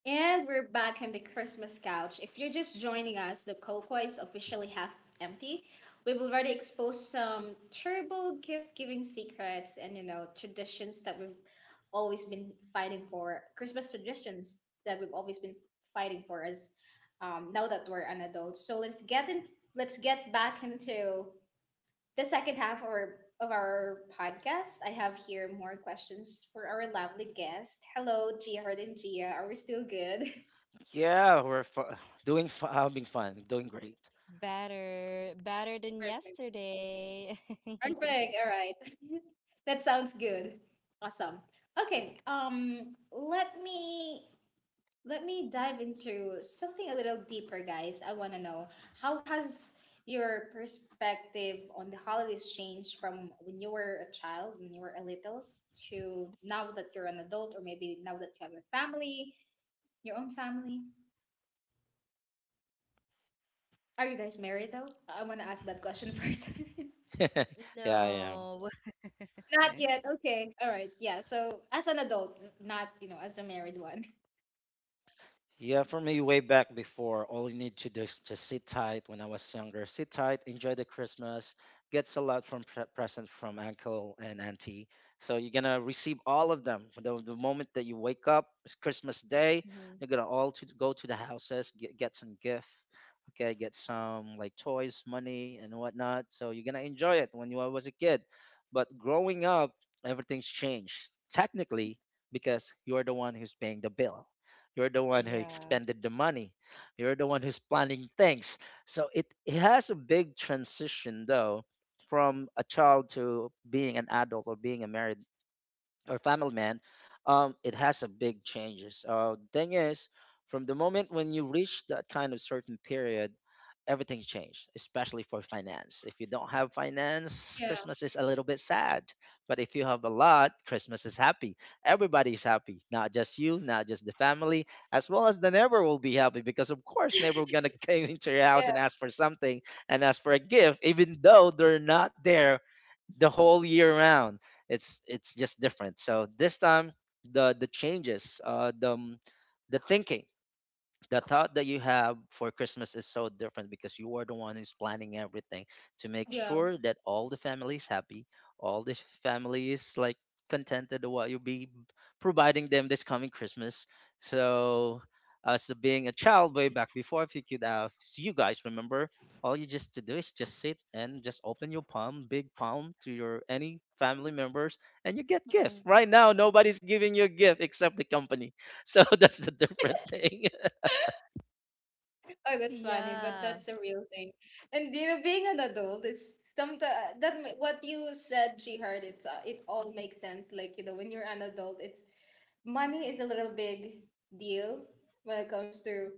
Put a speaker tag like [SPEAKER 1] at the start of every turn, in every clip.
[SPEAKER 1] And we're back on the Christmas couch. If you're just joining us, the cocoa is officially half empty. We've already exposed some terrible gift giving secrets and, traditions that we've always been fighting for, Christmas traditions that we've always been fighting for as now that we're an adult. So let's get back into the second half of of our podcast. I have here more questions for our lovely guest. Hello, Gia and Gia. Are we still good?
[SPEAKER 2] Yeah, we're fu- doing fu- having fun, doing great.
[SPEAKER 3] Better, better than
[SPEAKER 1] Perfect.
[SPEAKER 3] yesterday.
[SPEAKER 1] Perfect. All right. That sounds good. Awesome. Okay. Let me dive into something a little deeper, guys. I want to know how has your perspective on the holidays changed from when you were a child, when you were a little, to now that you're an adult or maybe now that you have a family, your own family? Are you guys married though? I want to ask that question first.
[SPEAKER 2] yeah, yeah.
[SPEAKER 3] No.
[SPEAKER 1] Not yet. Okay. All right. Yeah. So as an adult, not, as a married one.
[SPEAKER 2] Yeah, for me, way back before, all you need to do is just sit tight when I was younger. Sit tight, enjoy the Christmas, gets a lot from present from uncle and auntie. So you're gonna receive all of them. The moment that you wake up, it's Christmas Day,
[SPEAKER 3] Mhm.
[SPEAKER 2] you're gonna all to go to the houses, get some gift, okay, get some like toys, money, and whatnot. So you're gonna enjoy it when you was a kid. But growing up, everything's changed. Technically, because you're the one who's paying the bill, you're the one who
[SPEAKER 3] Yeah.
[SPEAKER 2] expended the money. You're the one who's planning things. So it has a big transition though from a child to being an adult or being a married or family man. It has a big changes. Thing is, from the moment when you reach that kind of certain period, everything changed, especially for finance. If you don't have finance,
[SPEAKER 1] Yeah.
[SPEAKER 2] Christmas is a little bit sad. But if you have a lot, Christmas is happy. Everybody's happy, not just you, not just the family, as well as the neighbor will be happy because of course neighbor gonna come into your house and
[SPEAKER 1] Yeah.
[SPEAKER 2] ask for something and ask for a gift, even though they're not there the whole year round. It's just different. So this time the the changes, uh, the m- the thinking, the thought that you have for Christmas is so different because you are the one who's planning everything to make
[SPEAKER 1] Yeah.
[SPEAKER 2] sure that all the family is happy, all the family is like contented of what you'll be providing them this coming Christmas. So, as being a child way back before, if you could, so you guys remember, all you just to do is just sit and just open your palm, big palm, to your any family members, and you get gift.
[SPEAKER 3] Mhm.
[SPEAKER 2] Right now, nobody's giving you a gift except the company. So that's the different thing.
[SPEAKER 1] Oh, that's funny, but
[SPEAKER 3] Yeah.
[SPEAKER 1] that's a real thing. And being an adult is sometimes what you said, she heard it. It all makes sense. Like when you're an adult, it's money is a little big deal when it comes to,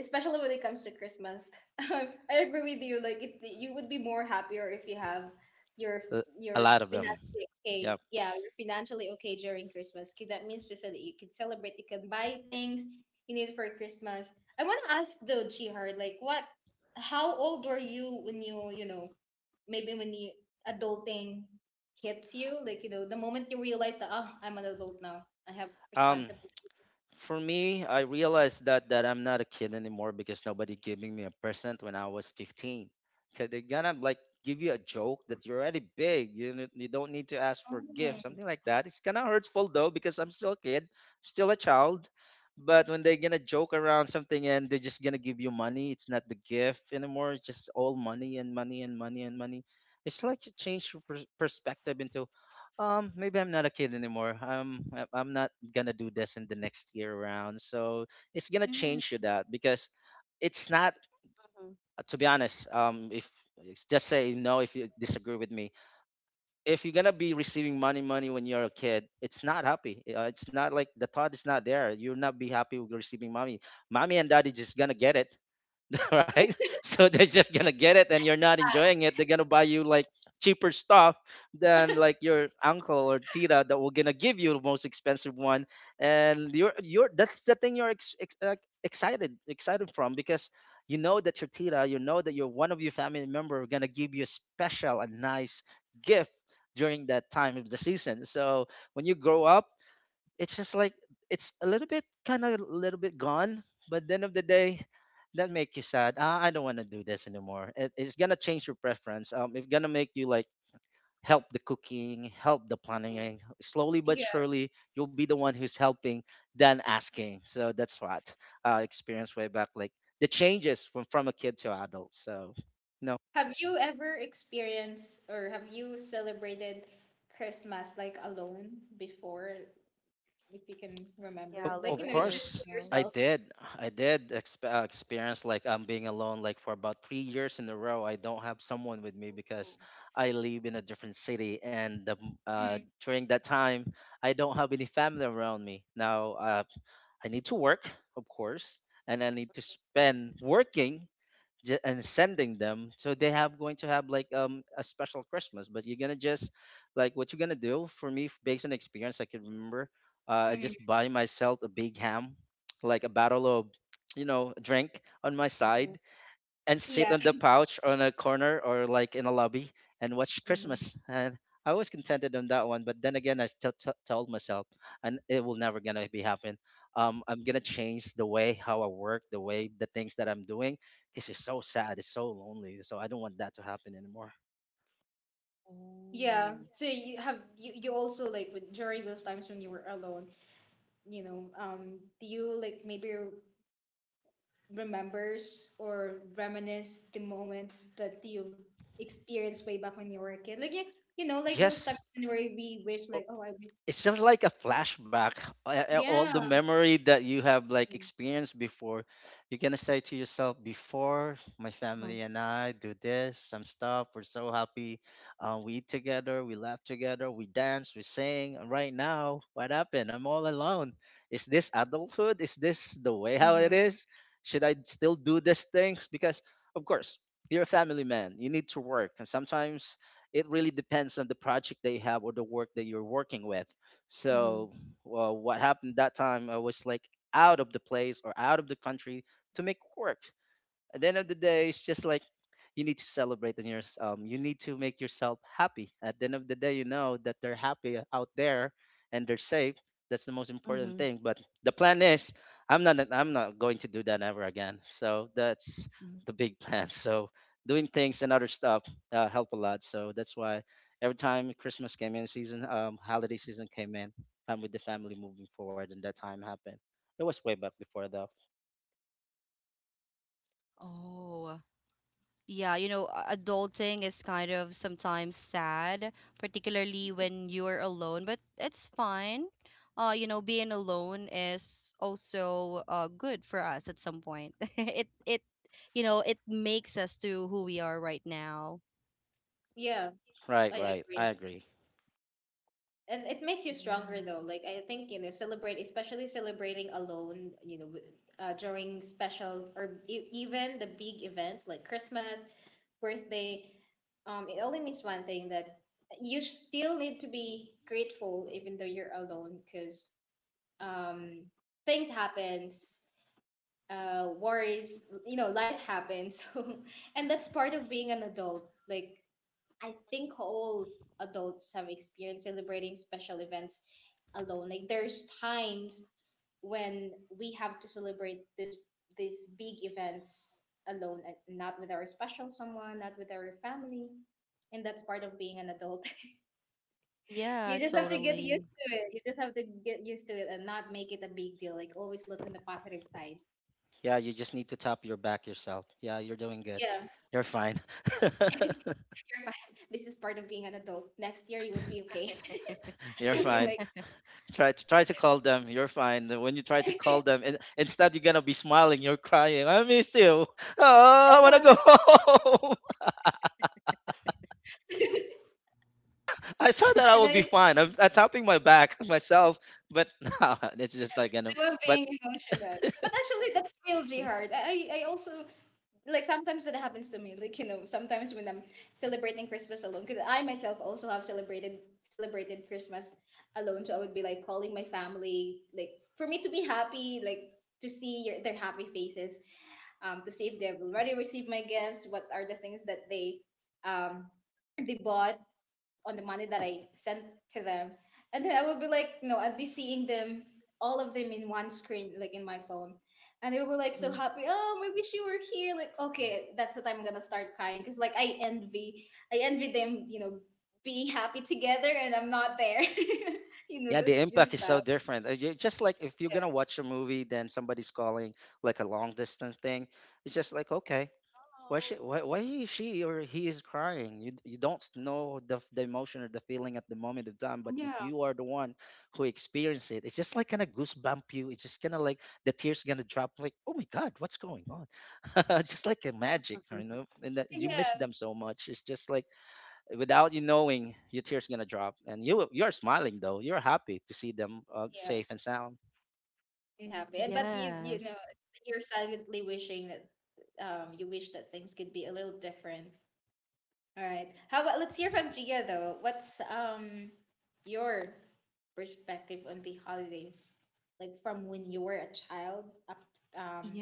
[SPEAKER 1] especially when it comes to Christmas. I agree with you. Like, you would be more happier if you have your
[SPEAKER 2] uh, a
[SPEAKER 1] your
[SPEAKER 2] lot of them.
[SPEAKER 1] financially okay.
[SPEAKER 2] Yeah.
[SPEAKER 1] Yeah, you're financially okay during Christmas. 'Cause that means just so that you can celebrate. You can buy things you need for Christmas. I want to ask though, Jihar, how old were you when you, maybe when you adulting hits you, like the moment you realize that ah, I'm an adult now, I have
[SPEAKER 2] Um,
[SPEAKER 1] responsibilities.
[SPEAKER 2] for me, I realized that I'm not a kid anymore because nobody giving me a present when I was 15. Cause they're gonna like give you a joke that you're already big. You don't need to ask for gifts,
[SPEAKER 1] Mm,
[SPEAKER 2] something like that. It's kind of hurtful though because I'm still a kid, still a child. But when they're gonna joke around something and they're just gonna give you money, it's not the gift anymore. It's just all money and money and money and money. It's like to change your perspective into, um, maybe I'm not a kid anymore. I'm not gonna do this in the next year round. So it's gonna
[SPEAKER 1] mm.
[SPEAKER 2] change to that because it's not.
[SPEAKER 3] Mhm.
[SPEAKER 2] To be honest, if it's just say no if you disagree with me. If you're gonna be receiving money when you're a kid, it's not happy. It's not like the thought is not there. You'll not be happy with receiving money. Mommy and daddy just gonna get it. Right? So they're just gonna get it, and you're not
[SPEAKER 1] Ah,
[SPEAKER 2] enjoying it. They're gonna buy you like cheaper stuff than like your uncle or tita that will gonna give you the most expensive one, and you're that's the thing you're excited from because you know that your tita, you know that your one of your family member are gonna give you a special and nice gift during that time of the season. So when you grow up it's just like it's a little bit kind of a little bit gone, but then of the day that make you sad, ah, I don't want to do this anymore. It's gonna change your preference. Um, it's gonna make you like help the cooking, help the
[SPEAKER 3] Mhm.
[SPEAKER 2] planning, slowly but
[SPEAKER 1] yeah.
[SPEAKER 2] surely you'll be the one who's helping than asking. So that's what, experience way back like the changes from a kid to adult. So no.
[SPEAKER 1] Have you ever experienced or have you celebrated Christmas like alone before, if you can
[SPEAKER 3] Yeah,
[SPEAKER 1] remember? Like
[SPEAKER 3] like
[SPEAKER 2] Of
[SPEAKER 3] on
[SPEAKER 1] it's just you
[SPEAKER 2] course,
[SPEAKER 3] yourself.
[SPEAKER 2] I
[SPEAKER 1] yourself.
[SPEAKER 2] did. I experience like I'm being alone like for about 3 years in a row. I don't have someone with me because I live in a different city, and during that time, I don't have any family around me. Now, I need to work, of course, and I need to spend working and sending them so they have going to have like a special Christmas. But you're gonna just like what you're gonna do for me, based on experience I can remember, I
[SPEAKER 1] Mm-hmm.
[SPEAKER 2] just buy myself a big ham, like a bottle of, you know, drink on my
[SPEAKER 3] Mhm.
[SPEAKER 2] side, and sit on the pouch on a corner or like in a lobby and watch
[SPEAKER 3] Mhm.
[SPEAKER 2] Christmas. And I was contented on that one, but then again, I still told myself, and it will never gonna be happen. I'm gonna change the way how I work, the way the things that I'm doing. This is so sad, it's so lonely. So I don't want that to happen anymore.
[SPEAKER 1] Yeah.
[SPEAKER 3] Oh.
[SPEAKER 1] So you also like during those times when you were alone, do you like maybe remembers or reminisce the moments that you've experienced way back when you were a kid? Like those times
[SPEAKER 2] Yes,
[SPEAKER 1] when where we wish like, oh, I wish.
[SPEAKER 2] it's just like a flashback, all
[SPEAKER 1] Yeah.
[SPEAKER 2] the memory that you have like
[SPEAKER 3] Mhm.
[SPEAKER 2] experienced before. You're gonna say to yourself, before my family and I do this some stuff, we're so happy. Uh, we eat together, we laugh together, we dance, we sing, and right now what happened? I'm all alone. Is this adulthood? Is this the way how it
[SPEAKER 3] Mhm.
[SPEAKER 2] is? Should I still do these things? Because of course you're a family man, you need to work, and sometimes it really depends on the project that you have or the work that you're working with.
[SPEAKER 3] Mhm.
[SPEAKER 2] So, well, what happened that time? I was like out of the place or out of the country to make work. At the end of the day, it's just like you need to celebrate and your you need to make yourself happy. At the end of the day, you know that they're happy out there and they're safe. That's the most
[SPEAKER 3] Mhm.
[SPEAKER 2] important
[SPEAKER 3] Mhm.
[SPEAKER 2] thing. But the plan is, I'm not going to do that ever again. So that's
[SPEAKER 3] Mhm.
[SPEAKER 2] the big plan. So doing things and other stuff, help a lot. So that's why every time Christmas came in season, holiday season came in, I'm with the family moving forward, and that time happened. It was way back before though.
[SPEAKER 3] Oh. Yeah, you know, adulting is kind of sometimes sad, particularly when you're alone, but it's fine. You know, being alone is also good for us at some point. It you know, it makes us to who we are right now.
[SPEAKER 1] Yeah.
[SPEAKER 2] Right,
[SPEAKER 1] I
[SPEAKER 2] right. I
[SPEAKER 1] agree.
[SPEAKER 2] agree.
[SPEAKER 1] And it makes you stronger
[SPEAKER 3] Yeah.
[SPEAKER 1] though, like I think celebrate, especially celebrating alone during special or even the big events like Christmas, birthday, it only means one thing that you still need to be grateful even though you're alone because um things happens, worries, life happens. So and that's part of being an adult, like I think all adults have experienced celebrating special events alone. Like there's times when we have to celebrate this these big events alone and not with our special someone, not with our family. And that's part of being an adult.
[SPEAKER 3] Yeah,
[SPEAKER 1] You just have to get
[SPEAKER 3] totally.
[SPEAKER 1] used to it. You just have to get used to it and not make it a big deal. Like always look on the positive side.
[SPEAKER 2] Yeah, you just need to tap your back yourself. Yeah, you're doing good.
[SPEAKER 1] Yeah,
[SPEAKER 2] You're fine.
[SPEAKER 1] you're fine. This is part of being an adult. Next year you would be okay.
[SPEAKER 2] You're
[SPEAKER 1] You'd be
[SPEAKER 2] fine.
[SPEAKER 1] like,
[SPEAKER 2] Try to call them. You're fine. When you try to call them, and instead you're gonna be smiling. You're crying. I miss you. Oh, I wanna
[SPEAKER 1] "Hello."
[SPEAKER 2] go home. I thought that I
[SPEAKER 1] and
[SPEAKER 2] would be
[SPEAKER 1] then
[SPEAKER 2] fine. I'm tapping my back myself, but no, it's just like gonna.
[SPEAKER 1] We're
[SPEAKER 2] But
[SPEAKER 1] being emotional. But actually, that's real jihad. I also, like, sometimes that happens to me. Like, sometimes when I'm celebrating Christmas alone, because I myself also have celebrated Christmas alone. So I would be, like, calling my family, like, for me to be happy, like, to see their happy faces, to see if they've already received my gifts, what are the things that um, they bought, on the money that I sent to them. And then I would be like, no, I'd be seeing them, all of them in one screen, like in my phone. And they would be like so
[SPEAKER 3] Mhm.
[SPEAKER 1] happy. Oh, we wish you were here. Like, okay, that's the time I'm gonna start crying. Cause like I envy them, being happy together and I'm not there. you know,
[SPEAKER 2] yeah, the
[SPEAKER 1] this
[SPEAKER 2] impact
[SPEAKER 1] this
[SPEAKER 2] is so
[SPEAKER 1] stuff.
[SPEAKER 2] different. You just like if you're gonna watch a movie, then somebody's calling like a long distance thing. It's just like okay,
[SPEAKER 3] Oh.
[SPEAKER 2] why he, she or he is crying? You don't know the the emotion or the feeling at the moment of time, but if
[SPEAKER 1] Yeah.
[SPEAKER 2] you are the one who experience it, it's just like kind of goosebump you. It's just kind of like the tears gonna drop. Like oh my god, what's going on? Just like a magic, you
[SPEAKER 3] Mhm.
[SPEAKER 2] know. And that you miss
[SPEAKER 1] Yeah.
[SPEAKER 2] them so much. It's just like without you knowing, your tears gonna drop, and you're smiling though. You're happy to see them,
[SPEAKER 1] Yeah.
[SPEAKER 2] safe and sound.
[SPEAKER 1] And happy. And but
[SPEAKER 3] Yes.
[SPEAKER 1] you're silently wishing that you wish that things could be a little different. All right. How about let's hear from Gia though. What's your perspective on the holidays, like from when you were a child up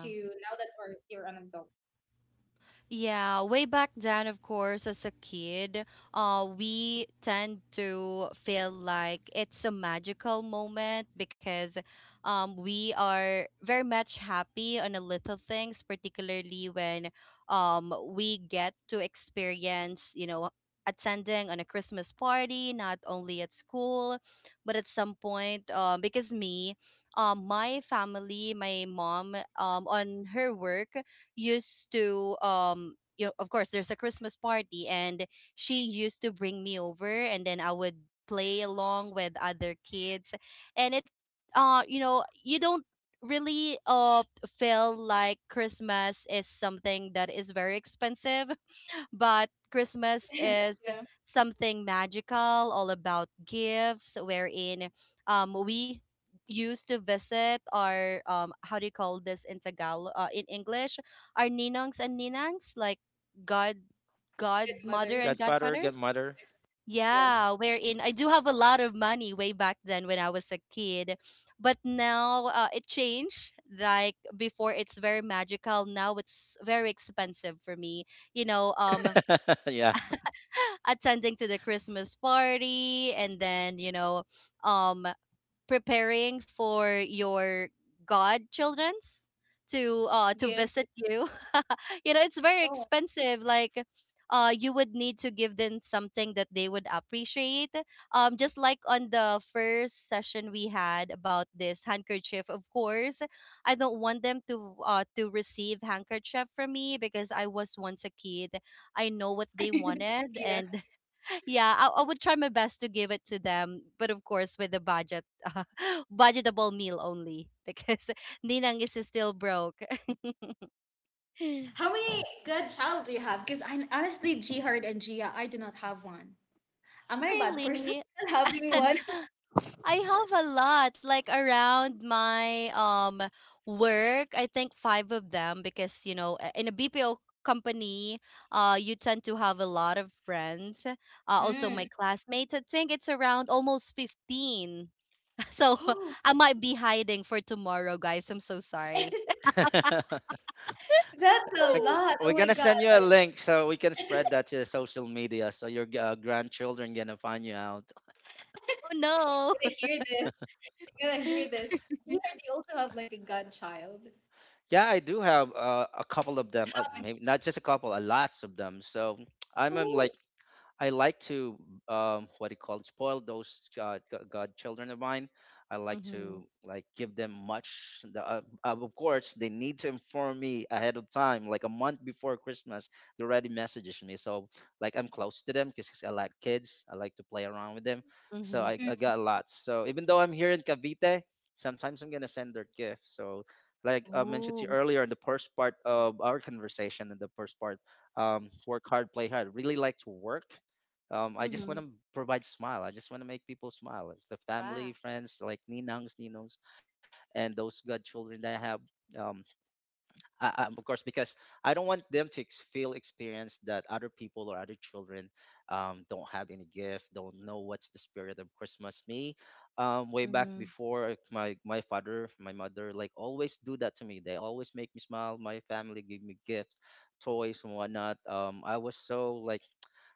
[SPEAKER 1] to now that you're an adult?
[SPEAKER 3] Yeah, way back then, of course, as a kid, we tend to feel like it's a magical moment because we are very much happy on the little things, particularly when we get to experience, you know, attending on a Christmas party, not only at school, but at some point, because me, my family, my mom, on her work, used to you know of course there's a Christmas party, and she used to bring me over, and then I would play along with other kids. And it you know, you don't really feel like Christmas is something that is very expensive, but Christmas is
[SPEAKER 1] Yeah.
[SPEAKER 3] something magical, all about gifts, wherein we used to visit our, how do you call this in Tagalog, in English, our ninongs and ninangs, like god,
[SPEAKER 1] Good
[SPEAKER 3] godmother and
[SPEAKER 1] mothers.
[SPEAKER 2] Godfather,
[SPEAKER 3] godfathers.
[SPEAKER 2] godmother.
[SPEAKER 1] Yeah.
[SPEAKER 3] Yeah, wherein I do have a lot of money way back then when I was a kid. But now it changed. Like before, it's very magical. Now it's very expensive for me. You know,
[SPEAKER 2] Yeah.
[SPEAKER 3] attending to the Christmas party, and then, you know, um preparing for your godchildrens to
[SPEAKER 1] Give.
[SPEAKER 3] visit you. You know, it's very
[SPEAKER 1] Oh.
[SPEAKER 3] expensive. Like you would need to give them something that they would appreciate, just like on the first session we had about this handkerchief. Of course, I don't want them to receive handkerchief from me, because I was once a kid. I know what they wanted.
[SPEAKER 1] Yeah.
[SPEAKER 3] And yeah, I would try my best to give it to them, but of course with the budget, uh, budgetable meal only, because ninang is still broke.
[SPEAKER 1] How many good child do you have? Because I honestly, Jihard and Gia, I do not have one. Am I a bad person
[SPEAKER 3] Really,
[SPEAKER 1] having one?
[SPEAKER 3] I have a lot. Like around my work, I think five of them, because you know, in a BPO company, you tend to have a lot of friends. Uh, also my
[SPEAKER 1] Mm.
[SPEAKER 3] classmates, I think it's around almost 15. So
[SPEAKER 1] Oh,
[SPEAKER 3] I might be hiding for tomorrow, guys. I'm so sorry.
[SPEAKER 1] that's a
[SPEAKER 2] Like,
[SPEAKER 1] lot. Oh
[SPEAKER 2] we're
[SPEAKER 1] my
[SPEAKER 2] gonna
[SPEAKER 1] God.
[SPEAKER 2] send you a
[SPEAKER 1] I'm
[SPEAKER 2] link so we can spread that to social media so your, grandchildren gonna find you out.
[SPEAKER 3] Oh no.
[SPEAKER 1] gonna hear this. You're gonna hear this. You heard they also have like a godchild.
[SPEAKER 2] Yeah, I do have, a couple of them. Maybe not just a couple, a lots of them. So I'm
[SPEAKER 1] Oh,
[SPEAKER 2] like, I like to, what do you call it, spoil those god, god children of mine. I like
[SPEAKER 3] Mm-hmm.
[SPEAKER 2] to like give them much. Of course, they need to inform me ahead of time, like a month before Christmas. They already messages me, so like I'm close to them because I like kids. I like to play around with them,
[SPEAKER 3] Mm-hmm.
[SPEAKER 2] so
[SPEAKER 1] Mm.
[SPEAKER 2] I got a lot. So even though I'm here in Cavite, sometimes I'm gonna send their gifts. So like I mentioned
[SPEAKER 3] Oh,
[SPEAKER 2] to you earlier in the first part of our conversation, in the first part, work hard, play hard. Really like to work. Um, I just
[SPEAKER 3] mm-hmm.
[SPEAKER 2] want to provide smile. I just want to make people smile. It's the
[SPEAKER 3] Wow.
[SPEAKER 2] family, friends, like ninangs, ninongs, and those godchildren that I have. Um, I, of course, because I don't want them to feel experience that other people or other children don't have any gift, don't know what's the spirit of Christmas. Me, way back
[SPEAKER 3] Mm-hmm.
[SPEAKER 2] before, like, my father, my mother, like always do that to me. They always make me smile. My family give me gifts, toys and whatnot. I was so like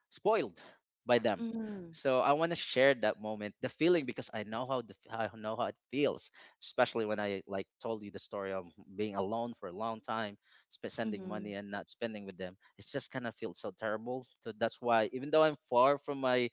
[SPEAKER 2] spoiled by them.
[SPEAKER 3] Mm-hmm.
[SPEAKER 2] So I want to share that moment, the feeling, because I know I know how it feels, especially when I like told you the story of being alone for a long time, sending
[SPEAKER 3] Mm-hmm.
[SPEAKER 2] money and not spending with them. It's just kind of feels so terrible. So that's why, even though I'm far from my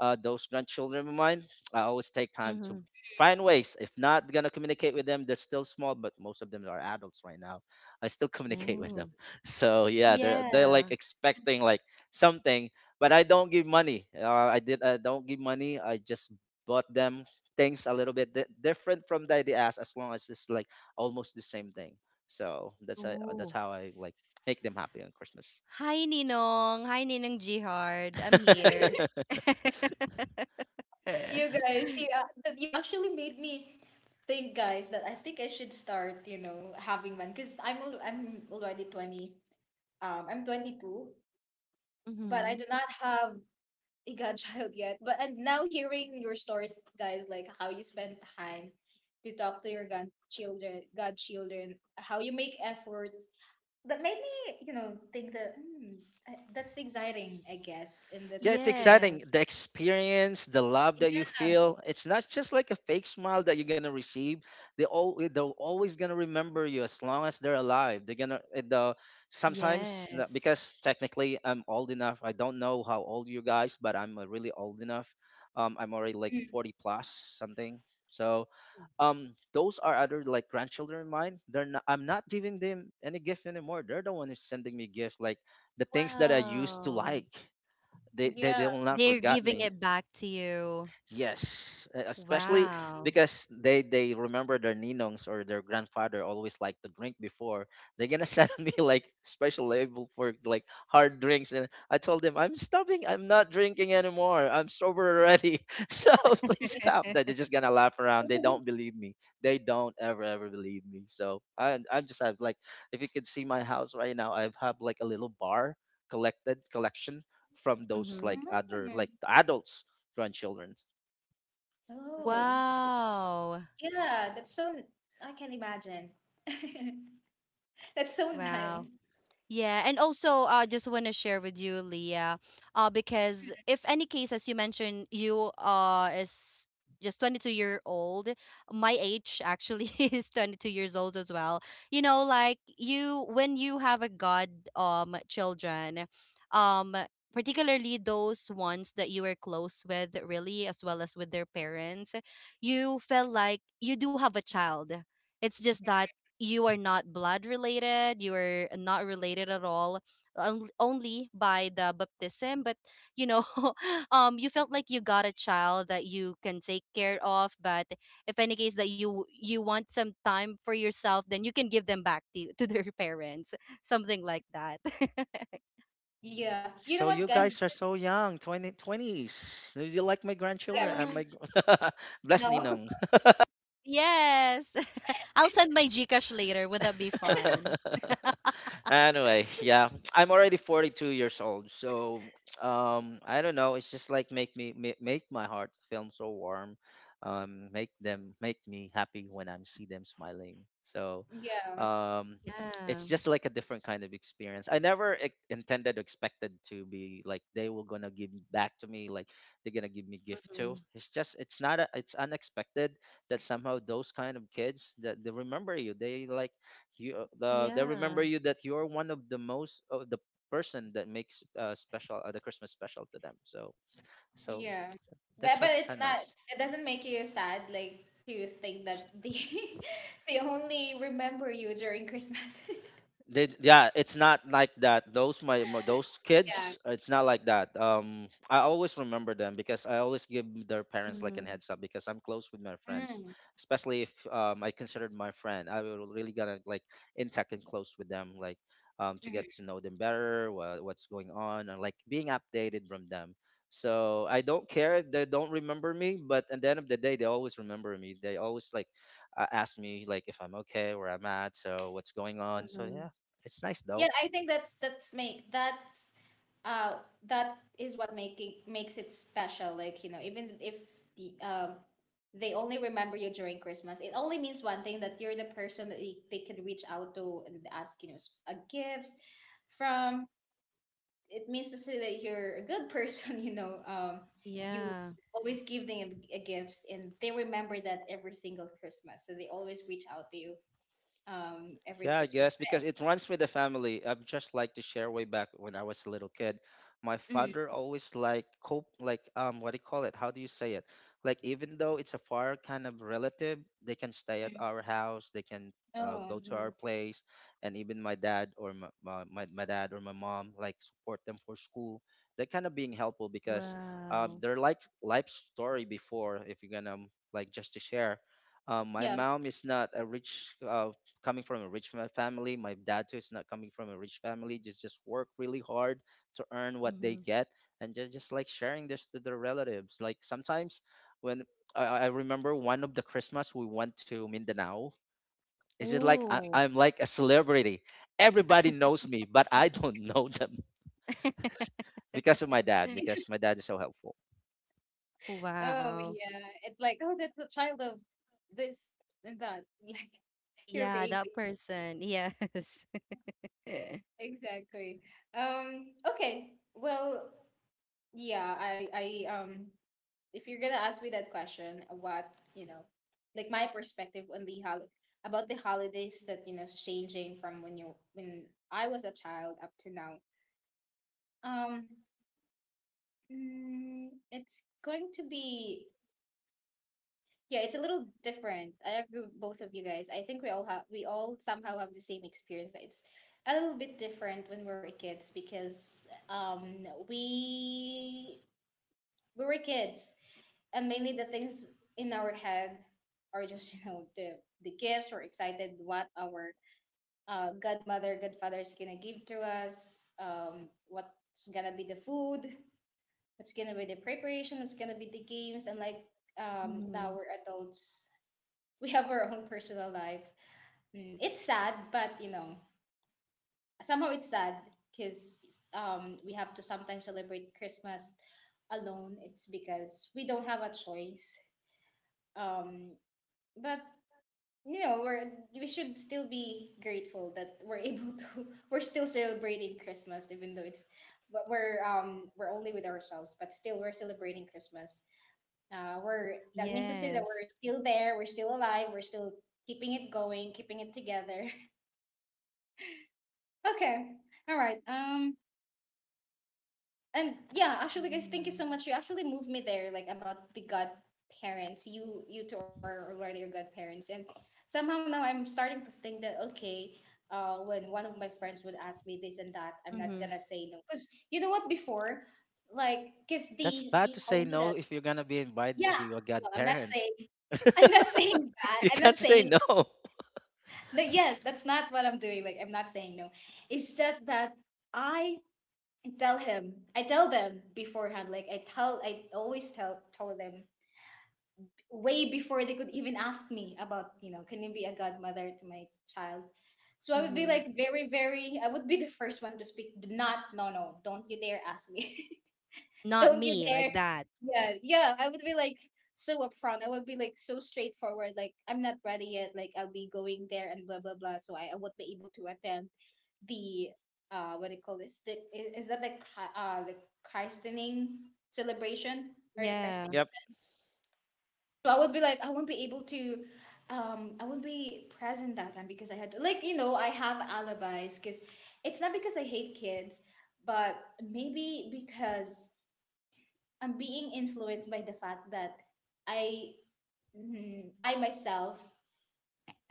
[SPEAKER 2] those grandchildren of mine, I always take time to
[SPEAKER 3] Mm-hmm.
[SPEAKER 2] find ways. If not gonna communicate with them, they're still small, but most of them are adults right now. I still communicate with them.
[SPEAKER 3] Ooh.
[SPEAKER 2] So yeah, they're like
[SPEAKER 3] Yeah.
[SPEAKER 2] expecting like something, but I don't give money. I did. I don't give money. I just bought them things a little bit different from that they asked, as long as it's like almost the same thing. So that's
[SPEAKER 3] Ooh.
[SPEAKER 2] how I like make them happy on Christmas.
[SPEAKER 3] Hi, Ninong. Hi, Ninong Jihard. I'm here.
[SPEAKER 1] you guys, you that you actually made me think, guys, that I think I should start, having one because I'm already 20. I'm 22, but I
[SPEAKER 3] Mm-hmm.
[SPEAKER 1] do not have a godchild yet. But and now hearing your stories, guys, like how you spend time to talk to your godchildren, how you make efforts that made me, think that that's exciting, I guess, and
[SPEAKER 2] Yeah, it's
[SPEAKER 1] that's
[SPEAKER 2] exciting.
[SPEAKER 3] Yes.
[SPEAKER 2] The experience, the love that you
[SPEAKER 1] yeah,
[SPEAKER 2] feel, it's not just like a fake smile that you're gonna receive. They're always gonna remember you as long as they're alive. They're gonna the sometimes
[SPEAKER 3] Yes.
[SPEAKER 2] because technically I'm old enough. I don't know how old you guys, but I'm really old enough. I'm already like
[SPEAKER 1] mm,
[SPEAKER 2] 40 plus something. So um, those are other like grandchildren of mine. They're not, I'm not giving them any gift anymore. They're the one who's sending me gift, like the things that I used to
[SPEAKER 3] Wow.
[SPEAKER 2] like. they they
[SPEAKER 1] yeah.
[SPEAKER 2] they will not
[SPEAKER 3] They're
[SPEAKER 2] forget
[SPEAKER 3] giving
[SPEAKER 2] me.
[SPEAKER 3] it back to you.
[SPEAKER 2] Yes, especially
[SPEAKER 3] Wow.
[SPEAKER 2] because they remember their ninongs or their grandfather always like to drink before. They're gonna send me like special label for like hard drinks, and I told them I'm stopping. I'm not drinking anymore. I'm sober already. So please stop. That they're just gonna laugh around. They don't believe me. They don't ever believe me. So I just have like, if you could see my house right now, I have like a little bar, collected collection from those like other like
[SPEAKER 1] Mm,
[SPEAKER 2] adults grandchildren.
[SPEAKER 1] oh,
[SPEAKER 3] Wow.
[SPEAKER 1] yeah, that's so. I can imagine. That's so nice.
[SPEAKER 3] Wow. Yeah, and also I just want to share with you, Leah, because if any case, as you mentioned, you is just 22-year-old. My age actually is 22 years old as well. You know, like you, when you have a god children, um particularly those ones that you were close with really, as well as with their parents, you feel like you do have a child. It's just that you are not blood related. You are not related at all, only by the baptism. But you know, um, you felt like you got a child that you can take care of. But if any case that you want some time for yourself, then you can give them back to their parents, something like that.
[SPEAKER 1] Yeah, you know
[SPEAKER 2] So
[SPEAKER 1] what,
[SPEAKER 2] you
[SPEAKER 1] guys?
[SPEAKER 2] guys are so young, 20, 20s. You like my
[SPEAKER 1] Yeah,
[SPEAKER 2] grandchildren?
[SPEAKER 3] Ah,
[SPEAKER 2] Bless
[SPEAKER 1] no,
[SPEAKER 2] Ninong.
[SPEAKER 3] yes, I'll send my GCash later. Would that be fine?
[SPEAKER 2] Anyway, yeah, I'm already 42 years old, so I don't know. It's just like make me make my heart feel so warm, make them make me happy when I see them smiling. So,
[SPEAKER 1] yeah,
[SPEAKER 2] um, it's
[SPEAKER 3] Yeah.
[SPEAKER 2] just like a different kind of experience. I never expected to be like they were gonna give back to me, like they're gonna give me gift too.
[SPEAKER 3] Mm-hmm.
[SPEAKER 2] It's not a, it's unexpected that somehow those kind of kids that they remember you. They like you, they
[SPEAKER 3] Yeah.
[SPEAKER 2] remember you that you're one of the most of the person that makes special, the Christmas special to them. So
[SPEAKER 1] yeah.
[SPEAKER 2] that's
[SPEAKER 1] But
[SPEAKER 2] so,
[SPEAKER 1] but
[SPEAKER 2] so
[SPEAKER 1] it's not.
[SPEAKER 2] nice.
[SPEAKER 1] It doesn't make you sad, like to think that they they only remember you during Christmas.
[SPEAKER 2] They, yeah, it's not like that. Those my, my those
[SPEAKER 1] Yeah.
[SPEAKER 2] kids, it's not like that. I always remember them because I always give their parents like a
[SPEAKER 3] Mm-hmm.
[SPEAKER 2] heads up because I'm close with my friends,
[SPEAKER 1] Mm.
[SPEAKER 2] especially if I considered my friend. I will really gotta like intact and close with them, like to get
[SPEAKER 1] Mhm.
[SPEAKER 2] to know them better, what's going on, and like being updated from them. So I don't care if they don't remember me, but at the end of the day, they always remember me. They always like ask me like if I'm okay, where I'm at, so what's going on. So
[SPEAKER 3] Mm-hmm.
[SPEAKER 2] yeah, it's nice
[SPEAKER 1] Yeah,
[SPEAKER 2] though.
[SPEAKER 1] I think that's make that's uh that is what making makes it special, like even if the um they only remember you during Christmas, it only means one thing that you're the person that they could reach out to and ask gifts from. It means to say that you're a good person. You
[SPEAKER 3] Yeah.
[SPEAKER 1] always give them a gifts and they remember that every single Christmas so they always reach out to you
[SPEAKER 2] Yeah, I guess
[SPEAKER 1] every
[SPEAKER 2] because
[SPEAKER 1] Christmas.
[SPEAKER 2] it runs with the family. I'd just like to share way back when I was a little kid. My father
[SPEAKER 1] Mhm.
[SPEAKER 2] always like cope, like um, what do you call it? How do you say it? Like even though it's a far kind of relative, they can stay at
[SPEAKER 1] Mhm.
[SPEAKER 2] our house. They can
[SPEAKER 1] Oh
[SPEAKER 2] go to
[SPEAKER 3] Mm-hmm.
[SPEAKER 2] our place, and even my dad or my mom like support them for school. They're kind of being helpful because um,
[SPEAKER 3] Wow.
[SPEAKER 2] their like life story before. If you're gonna like just to share, my
[SPEAKER 1] yeah.
[SPEAKER 2] mom is not a rich, coming from a rich family. My dad too is not coming from a rich family. Just work really hard to earn what they
[SPEAKER 3] Mm-hmm.
[SPEAKER 2] get, and just like sharing this to their relatives. Like sometimes when I remember one of the Christmas we went to Mindanao. It's just like
[SPEAKER 3] Ooh.
[SPEAKER 2] I'm like a celebrity. Everybody knows me, but I don't know them because of my dad. Because my dad is so helpful.
[SPEAKER 1] Oh
[SPEAKER 3] Wow.
[SPEAKER 1] yeah, it's like oh that's a child of this and that. Like your
[SPEAKER 3] Yeah, that
[SPEAKER 1] baby,
[SPEAKER 3] person. Yes.
[SPEAKER 1] exactly. Okay. Well, yeah. I um. If you're gonna ask me that question, what you know, like my perspective on the hol about the holidays that is changing from when I was a child up to now. Um. It's going to be Yeah, it's a little different. I agree with both of you guys. I think we all somehow have the same experience. It's a little bit different when we were kids because we were kids and mainly the things in our head are just, the gifts we're excited what our godmother, godfather is gonna give to us, what's gonna be the food, what's gonna be the preparation, what's gonna be the games and like now
[SPEAKER 3] Mm-hmm.
[SPEAKER 1] we're adults we have our own personal life. Mm, it's sad, but somehow it's sad because we have to sometimes celebrate Christmas alone. It's because we don't have a choice. Um, but you know, we're we should still be grateful that we're able to. We're still celebrating Christmas, even though it's but we're only with ourselves, but still we're celebrating Christmas. We're that means to say that
[SPEAKER 3] Yes.
[SPEAKER 1] we're still there, we're still alive, we're still keeping it going, keeping it together. Okay, all right. And yeah, actually, guys, thank you so
[SPEAKER 3] Yeah.
[SPEAKER 1] much. You actually moved me there, like about the godparents. You two are already your godparents, and somehow now I'm starting to think that okay. When one of my friends would ask me this and that, I'm not
[SPEAKER 3] Mm-hmm.
[SPEAKER 1] gonna say no. Cause you know what? Before, like, cause
[SPEAKER 2] That's
[SPEAKER 1] they
[SPEAKER 2] bad
[SPEAKER 1] they
[SPEAKER 2] to say
[SPEAKER 1] told me
[SPEAKER 2] no
[SPEAKER 1] that
[SPEAKER 2] if you're gonna be invited to
[SPEAKER 1] yeah.
[SPEAKER 2] be a
[SPEAKER 1] Well, I'm not
[SPEAKER 2] godparent.
[SPEAKER 1] saying I'm not saying that.
[SPEAKER 2] You
[SPEAKER 1] I'm not
[SPEAKER 2] can't say
[SPEAKER 1] saying
[SPEAKER 2] no.
[SPEAKER 1] no, yes, that's not what I'm doing. Like, I'm not saying no. It's just that I I tell them beforehand. Like, I always tell them way before they could even ask me about, can you be a godmother to my child? So I would be
[SPEAKER 3] Mm-hmm.
[SPEAKER 1] like very, very. I would be the first one to speak. Do not, no, no, don't you dare ask me.
[SPEAKER 3] Not
[SPEAKER 1] Don't you
[SPEAKER 3] me,
[SPEAKER 1] dare.
[SPEAKER 3] like that.
[SPEAKER 1] Yeah, yeah, I would be like so upfront. I would be like so straightforward, like I'm not ready yet, like I'll be going there and blah blah blah. So I would be able to attend the what do you call this? The, is that the christening celebration or the christening?
[SPEAKER 3] Yeah.
[SPEAKER 2] Yep,
[SPEAKER 1] So I would be like I won't be able to I won't be present that time because I had like I have alibis because it's not because I hate kids, but maybe because I'm being influenced by the fact that I I myself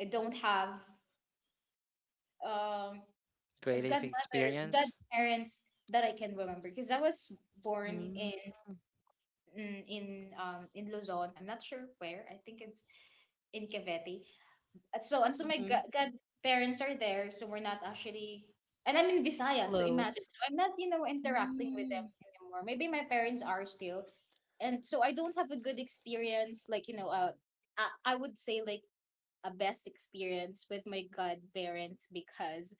[SPEAKER 1] I don't have um a
[SPEAKER 2] great
[SPEAKER 1] godmother
[SPEAKER 2] experience.
[SPEAKER 1] godparents that I can remember because I was born
[SPEAKER 3] Mm-hmm.
[SPEAKER 1] in in, in Luzon. I'm not sure where. I think it's in Cavite. So and so my godparents are there, so we're not actually and I'm in Visayas, so imagine.
[SPEAKER 3] Close.
[SPEAKER 1] So I'm not, you know, interacting with them
[SPEAKER 3] Mm-hmm.
[SPEAKER 1] anymore. Maybe my parents are still. And so I don't have a good experience, like, I would say like a best experience with my godparents because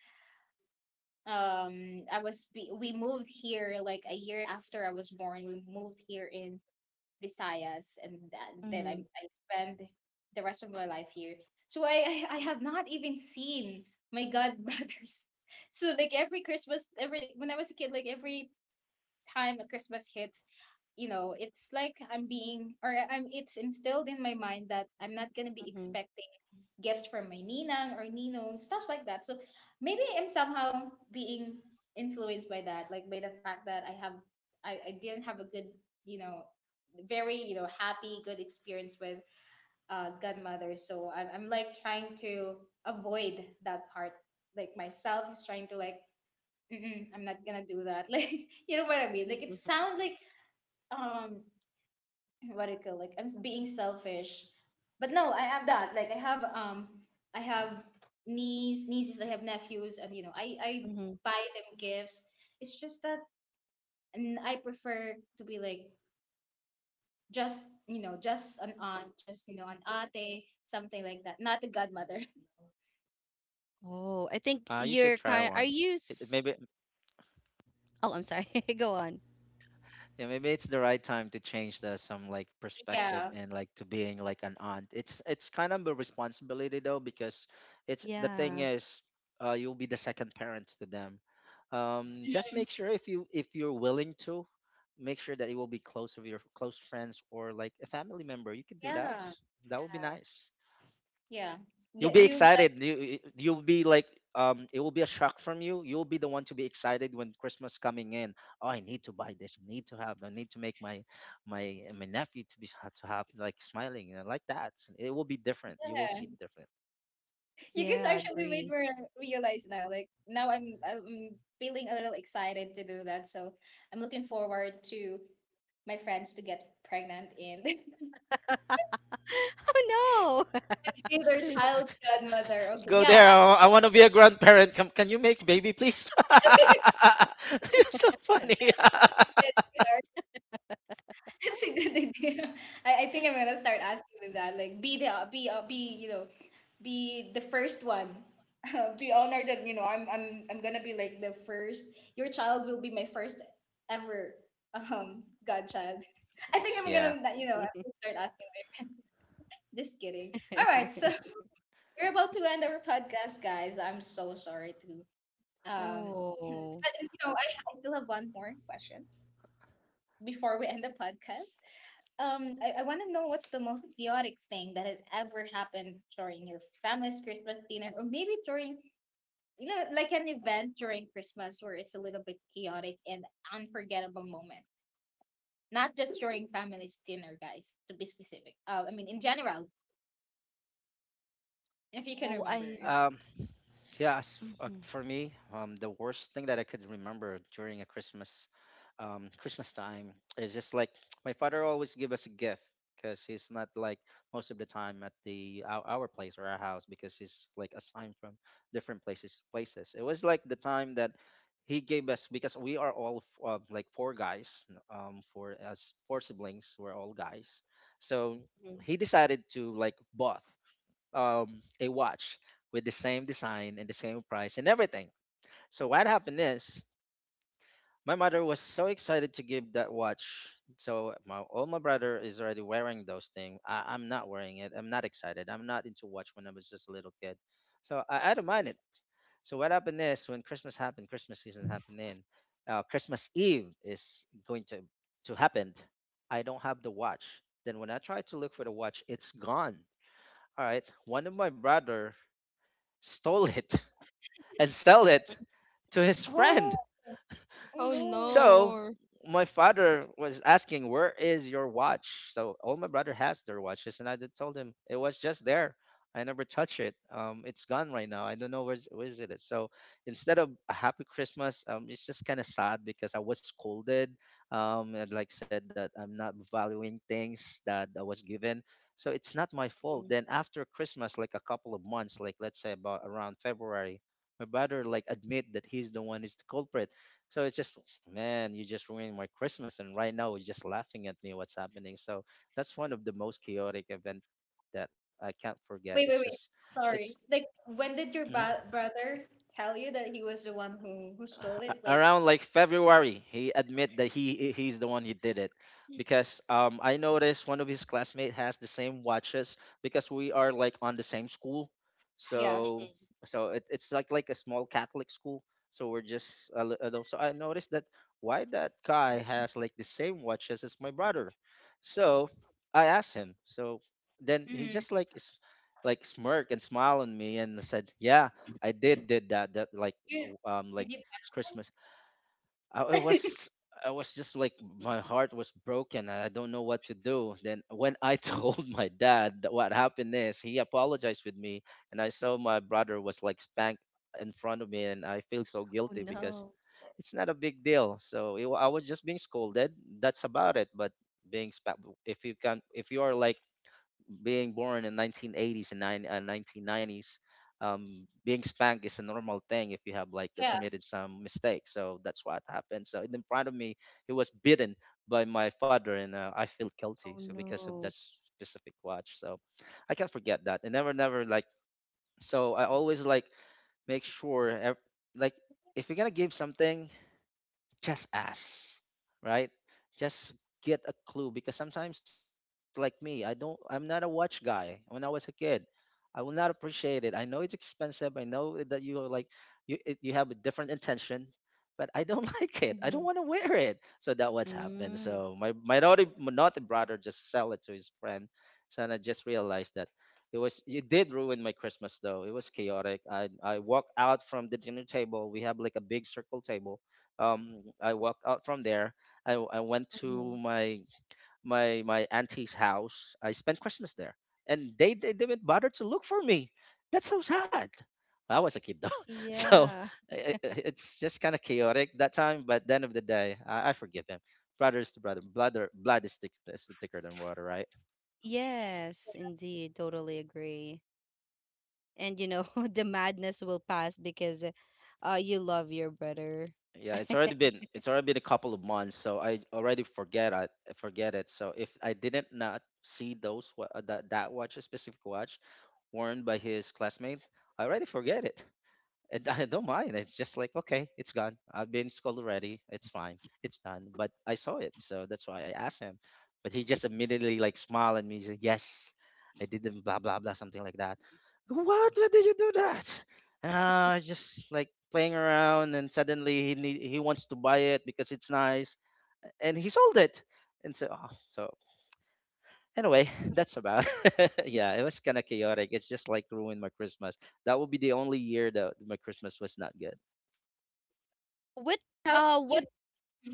[SPEAKER 1] I was we moved here like a year after I was born. We moved here in Visayas, and then I,
[SPEAKER 3] Mm-hmm.
[SPEAKER 1] I spend the rest of my life here. So I have not even seen my godbrothers. So like every Christmas, every when I was a kid, like every time a Christmas hits, you know, it's like I'm being or I'm it's instilled in my mind that I'm not gonna be expected gifts from my ninang or ninong, stuff like that. So maybe I'm somehow being influenced by that, like by the fact that I have, I didn't have a good, you know, very, happy, good experience with godmother. So I'm like trying to avoid that part. Like myself is trying to like, mm-mm, I'm not gonna do that. Like, you know what I mean? Like it sounds like um what do you call like I'm being selfish. But no, I have that. Like I have nieces, I have nephews and I
[SPEAKER 3] Mm-hmm.
[SPEAKER 1] buy them gifts. It's just that and I prefer to be like just just an aunt, just an ate, something like that. Not a godmother.
[SPEAKER 3] Oh, I
[SPEAKER 2] You
[SPEAKER 3] think
[SPEAKER 2] should try
[SPEAKER 3] you're
[SPEAKER 2] one.
[SPEAKER 3] kind. Are
[SPEAKER 2] It,
[SPEAKER 3] you?
[SPEAKER 2] it maybe
[SPEAKER 3] Oh, I'm sorry. Go on.
[SPEAKER 2] yeah, maybe it's the right time to change the some like perspective
[SPEAKER 1] Yeah.
[SPEAKER 2] and like to being like an aunt. It's kind of a responsibility though, because it's the
[SPEAKER 3] Yeah.
[SPEAKER 2] thing is uh, you'll be the second parents to them. Just make sure if you if you're willing to make sure that it will be close of your close friends or like a family member. You can do that.
[SPEAKER 1] Yeah.
[SPEAKER 2] That would be nice.
[SPEAKER 1] Yeah.
[SPEAKER 2] You'll
[SPEAKER 1] Yeah,
[SPEAKER 2] be excited. You will be like, um, it will be a shock from you. You'll be the one to be excited when Christmas coming in. Oh, I need to buy this. I need to have. I need to make my my nephew to be to have like smiling, you know, like that. It will be different. You will
[SPEAKER 1] guys,
[SPEAKER 2] see different.
[SPEAKER 3] Yeah.
[SPEAKER 1] you
[SPEAKER 3] Yeah.
[SPEAKER 1] guys actually
[SPEAKER 3] Agree.
[SPEAKER 1] made me realize now. Like now, I'm feeling a little excited to do that. So I'm looking forward to my friends to get pregnant and be
[SPEAKER 3] Oh
[SPEAKER 1] their child's godmother. Okay,
[SPEAKER 2] Go
[SPEAKER 1] yeah,
[SPEAKER 2] there.
[SPEAKER 1] I-
[SPEAKER 2] Oh, I want to be a grandparent. Come, can you make baby please?
[SPEAKER 1] that's
[SPEAKER 2] You're so funny.
[SPEAKER 1] a good idea. That's a good idea. I think I'm gonna start asking them that. Like, be the be you know, be the first one. Be honored that I'm gonna be like the first. Your child will be my first ever godchild. I think I'm
[SPEAKER 2] Yeah.
[SPEAKER 1] gonna you know
[SPEAKER 3] no.
[SPEAKER 1] I'm gonna start asking my friends. Just kidding. All right, so we're about to end our podcast, guys. I'm so sorry to. Um,
[SPEAKER 3] Oh.
[SPEAKER 1] but you know, I still have one more question before we end the podcast. I want to know what's the most chaotic thing that has ever happened during your family's Christmas dinner, or maybe during like an event during Christmas where it's a little bit chaotic and unforgettable moment. Not just during family's dinner, guys. To be specific, I mean in general, if you can
[SPEAKER 3] Oh,
[SPEAKER 1] remember.
[SPEAKER 3] I.
[SPEAKER 2] Um,
[SPEAKER 1] If...
[SPEAKER 2] yeah, as for
[SPEAKER 3] Mm-hmm.
[SPEAKER 2] me, the worst thing that I could remember during a Christmas, Christmas time is just like my father always give us a gift because he's not like most of the time at our place or our house because he's like assigned from different places. Places. It was like the time that he gave us because we are all like four guys, for us four siblings, we're all guys. So
[SPEAKER 3] Hmm.
[SPEAKER 2] he decided to like both, a watch with the same design and the same price and everything. So what happened is my mother was so excited to give that watch. So my all my brother is already wearing those things. I'm not wearing it. I'm not excited. I'm not into watch when I was just a little kid. So I don't mind it. So what happened is when Christmas happened, Christmas season happened in, Christmas Eve is going to happen. I don't have the watch. Then when I try to look for the watch, it's gone. All right. One of my brother stole it, and sell it to his
[SPEAKER 1] Oh,
[SPEAKER 2] friend.
[SPEAKER 1] oh
[SPEAKER 3] Oh
[SPEAKER 1] no.
[SPEAKER 2] So
[SPEAKER 3] no.
[SPEAKER 2] my father was asking, "Where is your watch?" So all my brother has their watches, and I did told him it was just there. I never touch it. It's gone right now. I don't know where is it. So instead of a happy Christmas, it's just kind of sad because I was scolded. And like said that I'm not valuing things that I was given. So it's not my
[SPEAKER 3] Mm-hmm.
[SPEAKER 2] fault. Then after Christmas, like a couple of months, like let's say about around February, my brother like admit that he's the one is the culprit. So it's just, man, you just ruined my Christmas, and right now you're just laughing at me. What's happening? So that's one of the most chaotic event that I can't forget. It's just,
[SPEAKER 1] Wait, wait, wait.
[SPEAKER 2] it's
[SPEAKER 1] Sorry. Like, when did your brother tell you that he was the one who stole it? Like,
[SPEAKER 2] around like February, he admit that he's the one he did it because um, I noticed one of his classmates has the same watches because we are like on the same school,
[SPEAKER 1] yeah.
[SPEAKER 2] so so it, it's like a small Catholic school. So we're just a little, so I noticed that why that guy has like the same watches as my brother, so I asked him. So then
[SPEAKER 1] Mm-hmm.
[SPEAKER 2] he just like like smirk and smile on me and said, yeah. I did that that like,
[SPEAKER 1] You, did you
[SPEAKER 2] like
[SPEAKER 1] catch him?
[SPEAKER 2] Christmas. I was, I was just like, my heart was broken. I don't know what to do. Then when I told my dad that what happened is, he apologized with me, and I saw my brother was like spanked in front of me, and I feel
[SPEAKER 3] Oh
[SPEAKER 2] so guilty
[SPEAKER 3] no.
[SPEAKER 2] because it's not a big deal. So I was just being scolded. That's about it. But being spanked, if you are like being born in 1980s and nine 1990s, being spanked is a normal thing if you have
[SPEAKER 1] Yeah.
[SPEAKER 2] like committed some mistake, so that's what happened. So in front of me he was beaten by my father, and I feel
[SPEAKER 3] Oh
[SPEAKER 2] guilty, so because
[SPEAKER 3] no.
[SPEAKER 2] of that specific watch, so I can't forget that. And never never like, so I always like make sure like, if you're gonna give something, just ask, right? Just get a clue. Because sometimes like me, I'm not a watch guy. When I was a kid, I will not appreciate it. I know it's expensive. I know that you are like you have a different intention, but I don't like it. I
[SPEAKER 3] Mm-hmm.
[SPEAKER 2] don't want to wear it. So that what's happened.
[SPEAKER 3] Mm-hmm.
[SPEAKER 2] So my naughty brother just sell it to his friend. So, and I just realized that it did ruin my Christmas, though. It was chaotic. I walked out from the dinner table. We have like a big circle table. I walked out from there. I went to my auntie's house. I spent Christmas there, and they didn't bother to look for me. That's so sad. I was a kid though. So
[SPEAKER 3] Yeah.
[SPEAKER 2] it's just kind of chaotic that time. But at the end of the day, I forgive him. Brother is to brother. Blood is thicker than water, right?
[SPEAKER 3] Yes, indeed. Totally agree. And you know, the madness will pass because you love your brother.
[SPEAKER 2] Yeah, it's already been a couple of months, so I already forget. I forget it. So if I didn't not see that watch, a specific watch worn by his classmate, I already forget it. And I don't mind. It's just like, okay, it's gone. I've been school already. It's fine. It's done. But I saw it. So that's why I asked him. But he just immediately like smiled at me. He said, yes, I did them, blah, blah, blah, something like that. What? Why did you do that? And I was just like playing around. And suddenly he wants to buy it because it's nice. And he sold it. And so anyway, that's about. Yeah, it was kind of chaotic. It's just like ruined my Christmas. That will be the only year that my Christmas was not good.
[SPEAKER 3] What
[SPEAKER 1] How you?
[SPEAKER 3] what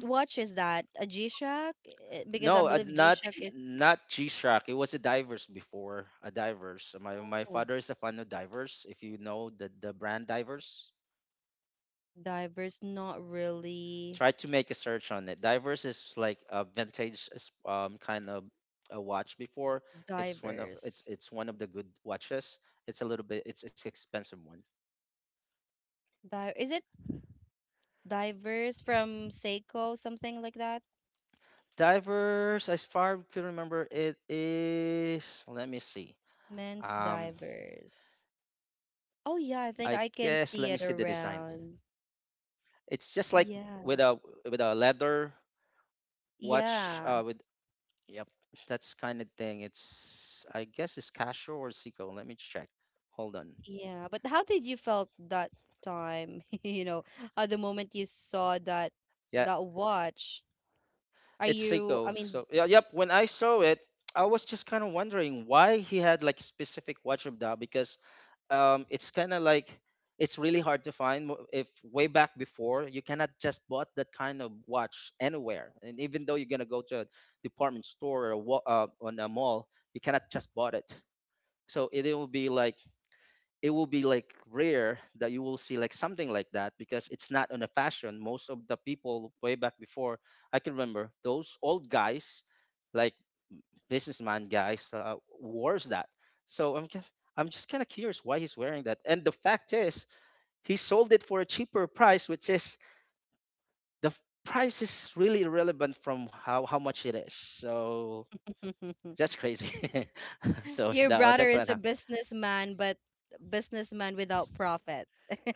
[SPEAKER 3] watch is that? A G-Shock? Eh, because I
[SPEAKER 2] No,
[SPEAKER 3] believe
[SPEAKER 2] not
[SPEAKER 3] G-Shock is
[SPEAKER 2] not G-Shock. It was a divers before a divers. My
[SPEAKER 3] oh,
[SPEAKER 2] father is a fan of divers. If you know the brand divers,
[SPEAKER 3] diverse, not really.
[SPEAKER 2] try to make a search on it. Divers is like a vintage kind of a watch before. It's one of it's
[SPEAKER 3] Diverse.
[SPEAKER 2] it's one of the good watches. It's a little bit it's expensive one.
[SPEAKER 3] Di, is it diverse from Seiko, something like that?
[SPEAKER 2] Divers, as far as I can remember, it is. Let me see.
[SPEAKER 3] Men's
[SPEAKER 2] Um,
[SPEAKER 3] diverse.
[SPEAKER 2] I
[SPEAKER 3] Oh
[SPEAKER 2] guess
[SPEAKER 3] yeah,
[SPEAKER 2] let
[SPEAKER 3] I
[SPEAKER 2] me see
[SPEAKER 3] think
[SPEAKER 2] the
[SPEAKER 3] I can
[SPEAKER 2] design.
[SPEAKER 3] see it around.
[SPEAKER 2] It's just like with a with
[SPEAKER 3] Yeah.
[SPEAKER 2] a leather watch. With
[SPEAKER 3] Yeah.
[SPEAKER 2] yep, that's kind of thing. It's I guess it's Casio or Seiko. Let me check. Hold on.
[SPEAKER 3] Yeah. But how did you felt that time, you know, at the moment you saw that
[SPEAKER 2] Yeah,
[SPEAKER 3] that watch? Are
[SPEAKER 2] it's
[SPEAKER 3] you, I
[SPEAKER 2] Seiko.
[SPEAKER 3] mean,
[SPEAKER 2] So yeah, yep. When I saw it, I was just kind of wondering why he had like specific watch of that, because it's kind of like it's really hard to find. If way back before, you cannot just bought that kind of watch anywhere. And even though you're gonna go to a department store or on a mall, you cannot just bought it. So it will be like rare that you will see like something like that, because it's not on a fashion. Most of the people way back before, I can remember those old guys. Like businessman guys wears that. So I'm just kind of curious why he's wearing that. And the fact is, he sold it for a cheaper price, which is the f- price is really irrelevant from how much it is. So that's crazy. So
[SPEAKER 3] your
[SPEAKER 2] that,
[SPEAKER 3] brother
[SPEAKER 2] that's
[SPEAKER 3] is a
[SPEAKER 2] what.
[SPEAKER 3] businessman, but businessman without profit.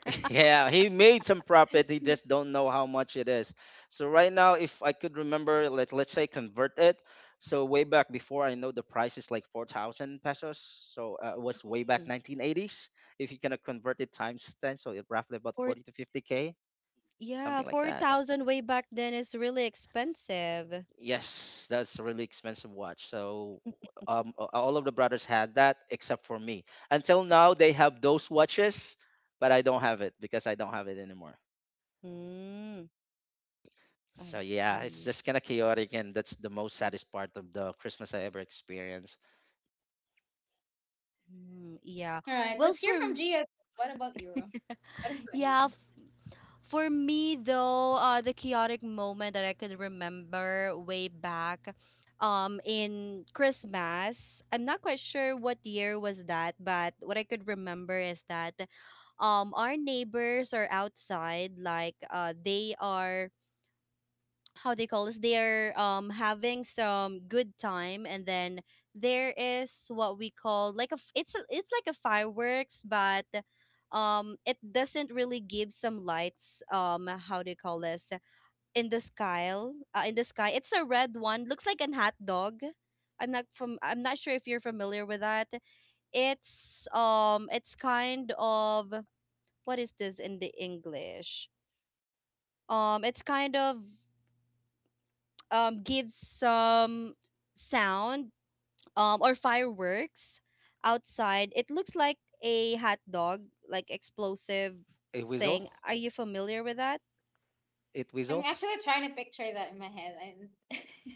[SPEAKER 2] Yeah, he made some profit. He
[SPEAKER 3] Mhm.
[SPEAKER 2] just don't know how much it is. So right now, if I could remember, let's say convert it. So way back before, I know the price is like 4,000 pesos. So it was way back 1980s. If you gonna convert it times ten, so it roughly about
[SPEAKER 3] Or
[SPEAKER 2] 40 to 50K,
[SPEAKER 3] yeah,
[SPEAKER 2] something like that.
[SPEAKER 3] 4,000 way back then is really expensive.
[SPEAKER 2] Yes, that's a really expensive watch. So all of the brothers had that except for me. Until now, they have those watches, but I don't have it because I don't have it anymore.
[SPEAKER 3] Mm,
[SPEAKER 2] So
[SPEAKER 3] I
[SPEAKER 2] yeah, it's
[SPEAKER 3] see.
[SPEAKER 2] just kind of chaotic, and that's the most saddest part of the Christmas I ever experienced.
[SPEAKER 3] Mm, yeah.
[SPEAKER 1] All right,
[SPEAKER 3] Well,
[SPEAKER 1] let's hear from Gia. What about you? Ro? What about you?
[SPEAKER 3] Yeah, for me, though, the chaotic moment that I could remember way back in Christmas, I'm not quite sure what year was that, but what I could remember is that our neighbors are outside, like they are how they call this, they're having some good time, and then there is what we call like a it's a, it's like a fireworks, but it doesn't really give some lights. Um, how do you call this in the sky, in the sky? It's a red one, looks like an hot dog. I'm not from, I'm not sure if you're familiar with that. It's it's kind of, what is this in the English, it's kind of, gives some sound, or fireworks outside. It looks like a hot dog, like explosive
[SPEAKER 2] It whistle?
[SPEAKER 3] thing. Are you familiar with that?
[SPEAKER 2] It
[SPEAKER 1] I'm
[SPEAKER 2] whistle?
[SPEAKER 1] actually trying to picture that in my head. And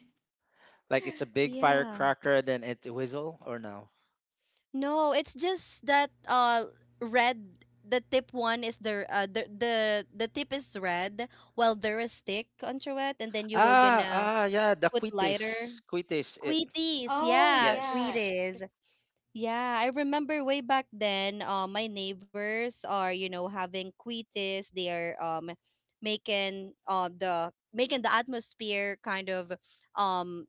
[SPEAKER 2] Like, it's a big
[SPEAKER 3] Yeah.
[SPEAKER 2] firecracker, then it whistle or no?
[SPEAKER 3] No, it's just that red, the tip one is the the tip is red, while there is stick onto it and then you will
[SPEAKER 2] Ah,
[SPEAKER 3] gonna
[SPEAKER 2] ah, yeah, the
[SPEAKER 3] put lighter.
[SPEAKER 2] quites. It
[SPEAKER 1] oh yeah.
[SPEAKER 2] yes.
[SPEAKER 1] It-
[SPEAKER 3] Quitties. Yeah, I remember way back then, my neighbors are, you know, having quites. They are making the making the atmosphere kind of um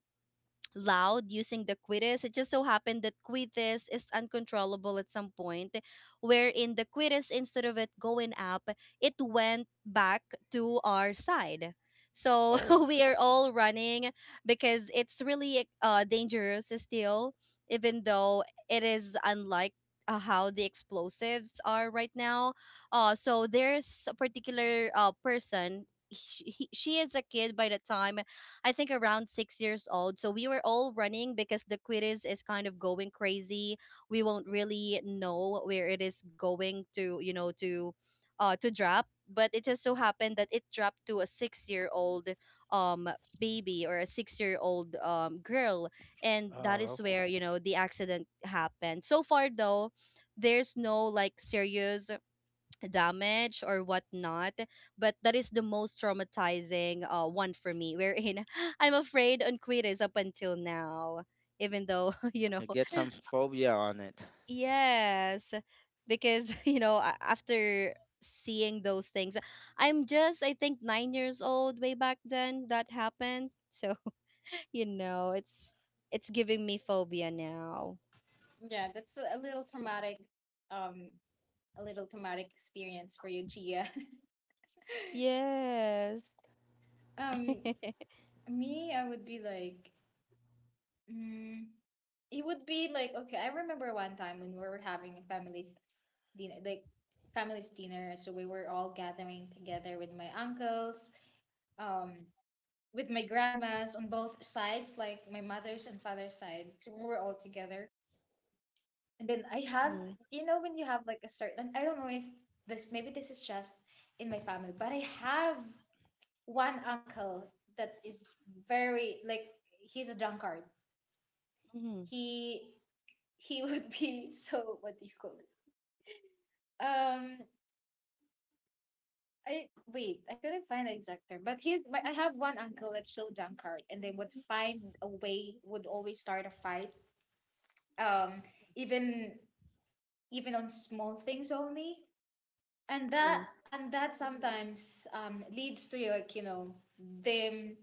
[SPEAKER 3] loud using the quitters. It just so happened that quitters is uncontrollable at some point, wherein the quitters, instead of it going up, it went back to our side. So
[SPEAKER 2] Oh,
[SPEAKER 3] we are all running because it's really dangerous still, even though it is unlike how the explosives are right now. So there's a particular person. She is a kid by the time, I think around 6 years old. So we were all running because the quiz is kind of going crazy. We won't really know where it is going to, you know, to drop. But it just so happened that it dropped to a 6 year old um baby, or a 6 year old girl. And that
[SPEAKER 2] oh,
[SPEAKER 3] is where, you know, the accident happened. So far though, there's no like serious damage or whatnot. But that is the most traumatizing one for me, wherein I'm afraid on Quiris up until now, even though, you know,
[SPEAKER 2] you get some phobia on it.
[SPEAKER 3] yes, because you know, after seeing those things, I'm just, I think, 9 years old way back then that happened. So, you know, it's. It's giving me phobia now.
[SPEAKER 1] yeah, that's um, a little traumatic experience for you, Gia.
[SPEAKER 3] Yes.
[SPEAKER 1] um, me, I would be like, mm, it would be like, okay, I remember one time when we were having a family's dinner, like family's dinner, so we were all gathering together with my uncles, um with my grandmas on both sides, like my mother's and father's side, so we were all together. And then I have,
[SPEAKER 3] Mhm.
[SPEAKER 1] you know, when you have like a certain, I don't know if this, maybe this is just in my family, but I have one uncle that is very like, he's a drunkard.
[SPEAKER 3] Mhm.
[SPEAKER 1] He he would be so, what do you call it? Um, I wait. I couldn't find the exact term, but he's. But I have one uncle that's so drunkard, and they would find a way. Would always start a fight. Um, even even on small things only, and
[SPEAKER 3] Mhm.
[SPEAKER 1] that sometimes leads to like them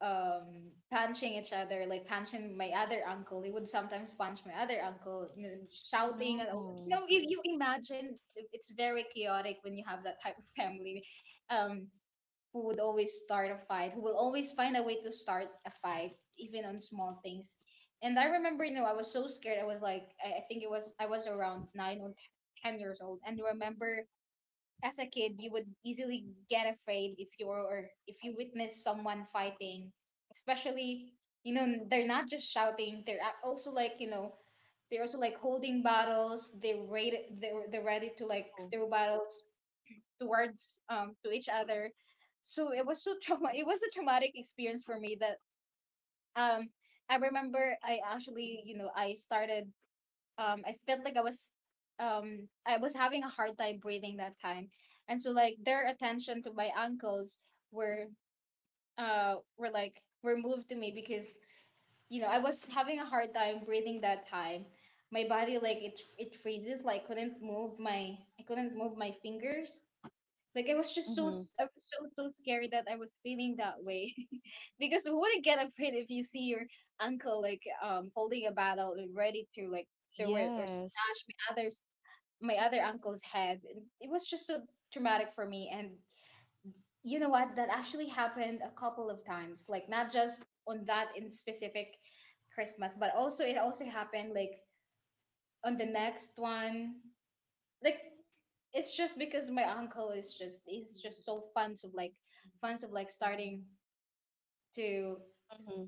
[SPEAKER 1] punching each other, like punching my other uncle. He would sometimes punch my other uncle and then
[SPEAKER 3] Oh
[SPEAKER 1] shouting and all that.
[SPEAKER 3] no.
[SPEAKER 1] If you imagine, it's very chaotic when you have that type of family, um who would always start a fight, who will always find a way to start a fight, even on small things. And I remember, you know, I was so scared. I was like, I think it was, I was around 9 or 10 years old. And remember, as a kid you would easily get afraid if you were or if you witness someone fighting. Especially, you know, they're not just shouting, they're also like, they're also like holding battles. They are ready, they're ready to like throw battles towards to each other. So it was so trauma, it was a traumatic experience for me that um I remember I actually, you know, I started, I felt like I was, I was having a hard time breathing that time. And so like their attention to my ankles were were like were moved to me because I was having a hard time breathing that time. My body, like it freezes, like couldn't move my, I couldn't move my fingers, like I was just so,
[SPEAKER 3] Oh.
[SPEAKER 1] I was so, so scared that I was feeling that way, because who wouldn't get afraid if you see your uncle like holding a battle and ready to like throw it or
[SPEAKER 3] Yes.
[SPEAKER 1] smash my other uncle's head. And it was just so traumatic for me, and you know what? That actually happened a couple of times. Like, not just on that in specific Christmas, but also it also happened like on the next one. Like, it's just because my uncle is just, he's just so fans of like, fans of like starting to,
[SPEAKER 3] Mm-hmm.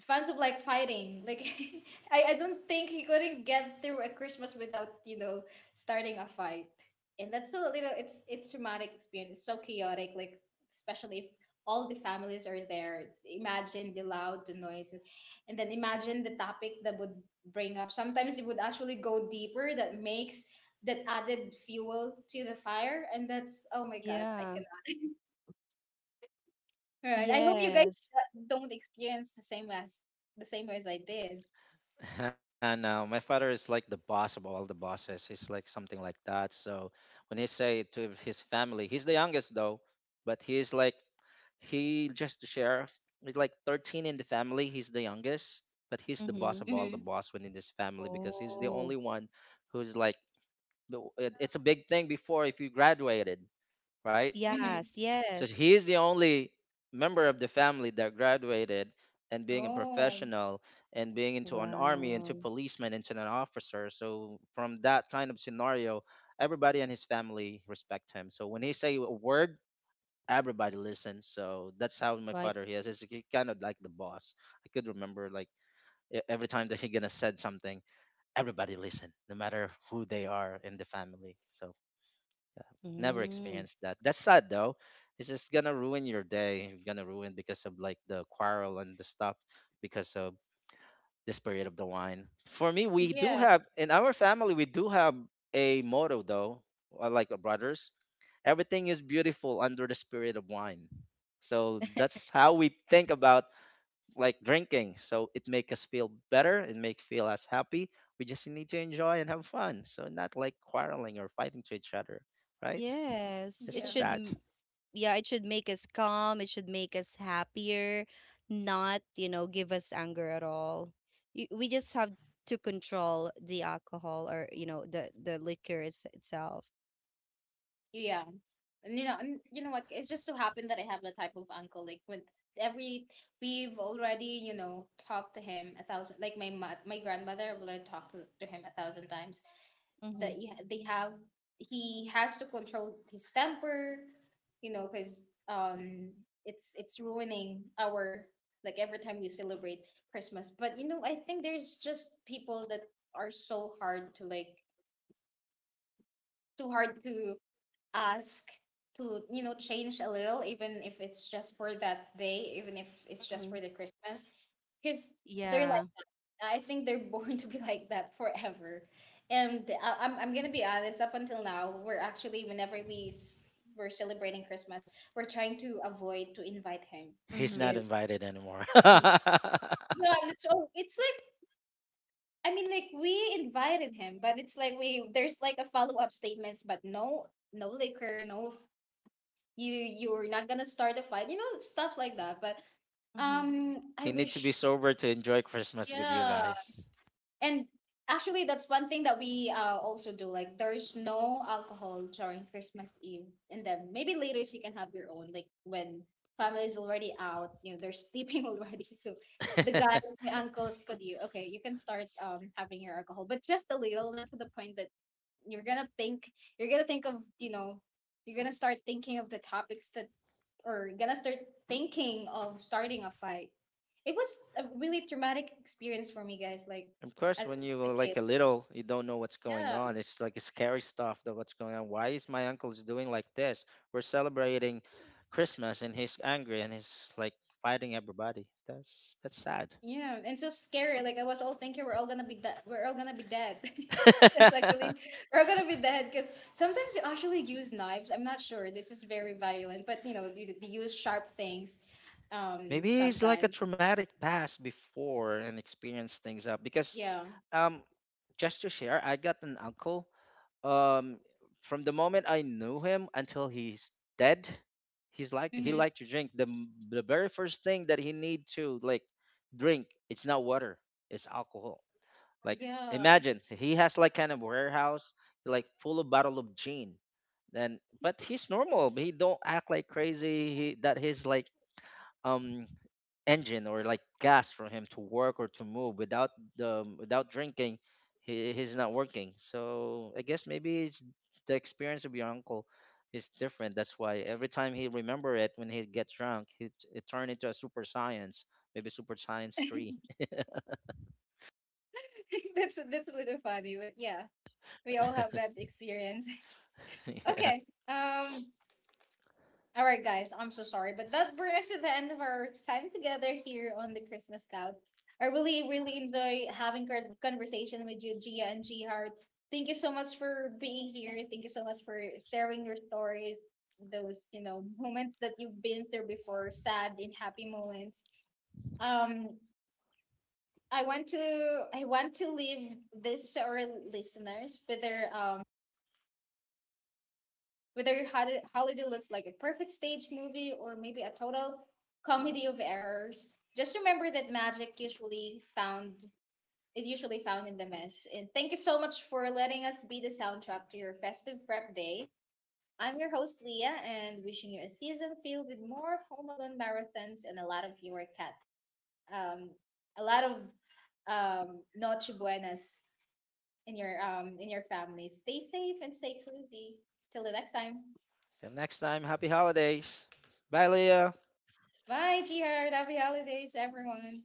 [SPEAKER 1] fans of like fighting. Like I don't think he couldn't get through a Christmas without, starting a fight. And that's so little, it's traumatic experience. It's so chaotic, like especially if all the families are there. Imagine the loud, the noise, and then imagine the topic that would bring up. Sometimes it would actually go deeper, that makes, that added fuel to the fire, and that's, oh my god, I
[SPEAKER 3] Yeah.
[SPEAKER 1] cannot. All right. I hope you guys
[SPEAKER 3] Yes.
[SPEAKER 1] don't experience the same as the same way as I did.
[SPEAKER 2] And no, my father is like the boss of all the bosses. He's like something like that. So when he say to his family, he's the youngest though, but he's like, he just to share, he's like 13 in the family. He's the youngest, but he's the boss
[SPEAKER 3] Mm-hmm.
[SPEAKER 2] of
[SPEAKER 1] Mm-hmm.
[SPEAKER 2] all the boss within this family, because he's the
[SPEAKER 3] Oh.
[SPEAKER 2] only one who's like it's a big thing before if you graduated, right?
[SPEAKER 1] Mm-hmm.
[SPEAKER 3] Yes,
[SPEAKER 2] So
[SPEAKER 3] yes.
[SPEAKER 2] he is the only member of the family that graduated and being a
[SPEAKER 1] Oh,
[SPEAKER 2] professional, and being into an army, into
[SPEAKER 3] Wow.
[SPEAKER 2] policeman, into an officer. So from that kind of scenario, everybody and his family respect him. So when he say a word, everybody listens. So that's how my
[SPEAKER 3] Like,
[SPEAKER 2] father he is. He's kind of like the boss. I could remember, like every time that he gonna said something, everybody listen, no matter who they are in the family. So never
[SPEAKER 3] mm.
[SPEAKER 2] experienced that. That's sad though. It's just gonna ruin your day. Gonna ruin because of like the quarrel and the stuff, because of the spirit of the wine. For me, we do
[SPEAKER 1] yeah,
[SPEAKER 2] have in our family we do have a motto though, like our brothers. Everything is beautiful under the spirit of wine. So that's how we think about like drinking. So it make us feel better. It make feel us happy. We just need to enjoy and have fun. So not like quarreling or fighting to each other, right?
[SPEAKER 3] Yes.
[SPEAKER 2] That's
[SPEAKER 3] It
[SPEAKER 1] yeah,
[SPEAKER 2] so
[SPEAKER 3] should,
[SPEAKER 2] sad.
[SPEAKER 3] yeah, it should make us calm. It should make us happier, not, you know, give us anger at all. You, we just have to control the alcohol, or, you know, the liquor is, itself.
[SPEAKER 1] yeah. And you know what? It's just so happened that I have the type of uncle. Like with every, we've already, talked to him a thousand. Like my mo- my grandmother, I've already talked to him a thousand times.
[SPEAKER 3] Mm-hmm.
[SPEAKER 1] That you ha- they have, he has to control his temper. You know, because um, it's ruining our, like every time we celebrate Christmas. But I think there's just people that are so hard to like, too hard to ask to, you know, change a little, even if it's just for that day, even if it's just
[SPEAKER 3] Mm-hmm.
[SPEAKER 1] for the Christmas. Because they're
[SPEAKER 3] Yeah.
[SPEAKER 1] like, I think they're born to be like that forever. And I'm gonna be honest, up until now, we're actually, whenever we're celebrating Christmas, we're trying to avoid to invite him.
[SPEAKER 2] He's
[SPEAKER 3] Mm-hmm.
[SPEAKER 2] not
[SPEAKER 1] Because,
[SPEAKER 2] invited anymore.
[SPEAKER 1] yeah, so it's like, I mean, like we invited him, but it's like we, there's like a follow-up statements, but no, no liquor, no, you're not gonna start a fight, you know, stuff like that. But
[SPEAKER 3] Mm-hmm.
[SPEAKER 2] He
[SPEAKER 1] I
[SPEAKER 2] need to be
[SPEAKER 1] wish,
[SPEAKER 2] sober to enjoy Christmas with you
[SPEAKER 1] yeah,
[SPEAKER 2] guys.
[SPEAKER 1] and actually that's one thing that we also do, like, there's no alcohol during Christmas Eve, and then maybe later you can have your own, like when family is already out, you know, they're sleeping already. So the
[SPEAKER 2] Of
[SPEAKER 1] guys, my uncles, could you, okay, you can start having your alcohol, but just a little, not to the point that you're gonna think you're gonna think of, you're gonna start thinking of the topics that, or you're gonna start thinking of starting a fight. It was a really traumatic experience for me, guys, like
[SPEAKER 2] course,
[SPEAKER 1] as
[SPEAKER 2] when you
[SPEAKER 1] a
[SPEAKER 2] were
[SPEAKER 1] kid.
[SPEAKER 2] like a little, you don't know what's
[SPEAKER 1] Yeah,
[SPEAKER 2] going on. It's like scary stuff that what's going on. Why is my uncle's doing like this? We're celebrating Christmas and he's angry and he's like fighting everybody. That's sad.
[SPEAKER 1] yeah, and so scary. Like, I was all thinking we're all gonna be dead, we're all gonna be dead. That's actually we're all gonna be dead because sometimes you actually use knives. I'm not sure this is very violent, but you use sharp things,
[SPEAKER 2] Maybe he's like a
[SPEAKER 1] sometimes.
[SPEAKER 2] traumatic past before and experienced things up, because
[SPEAKER 1] Yeah.
[SPEAKER 2] um just to share, I got an uncle um from the moment I knew him until he's dead, he's like he
[SPEAKER 1] Hmm.
[SPEAKER 2] liked to drink. The very first thing that he need to like drink, it's not water, it's alcohol. Like,
[SPEAKER 1] Yeah.
[SPEAKER 2] imagine he has like kind of warehouse like full of bottle of gin. Then but he's normal. He don't act like crazy. He that he's like um engine or like gas for him to work or to move without drinking. He's not working. So I guess maybe it's the experience of your uncle is different. That's why every time he remember it when he gets drunk it turned into a super science. Maybe super science 3.
[SPEAKER 1] That's a little funny, but yeah, we all have that experience.
[SPEAKER 2] Yeah,
[SPEAKER 1] Okay. All right, guys, I'm so sorry, but that brings us to the end of our time together here on the Christmas Couch. I really, really enjoy having conversation with you, Gia and G Heart. Thank you so much for being here. Thank you so much for sharing your stories, those moments that you've been through before, sad and happy moments. Um, I want to leave this to our listeners, whether whether Holiday looks like a perfect stage movie or maybe a total comedy of errors. Just remember that magic usually found is usually found in the mess. And thank you so much for letting us be the soundtrack to your festive prep day. I'm your host Leah, and wishing you a season filled with more home alone marathons and a lot of your cat, um a lot of noche buenas in your, in your family. Stay safe and stay cozy. Till the next time.
[SPEAKER 2] till next time. Happy holidays. Bye, Leah.
[SPEAKER 1] Bye, Jihar. Happy holidays, everyone.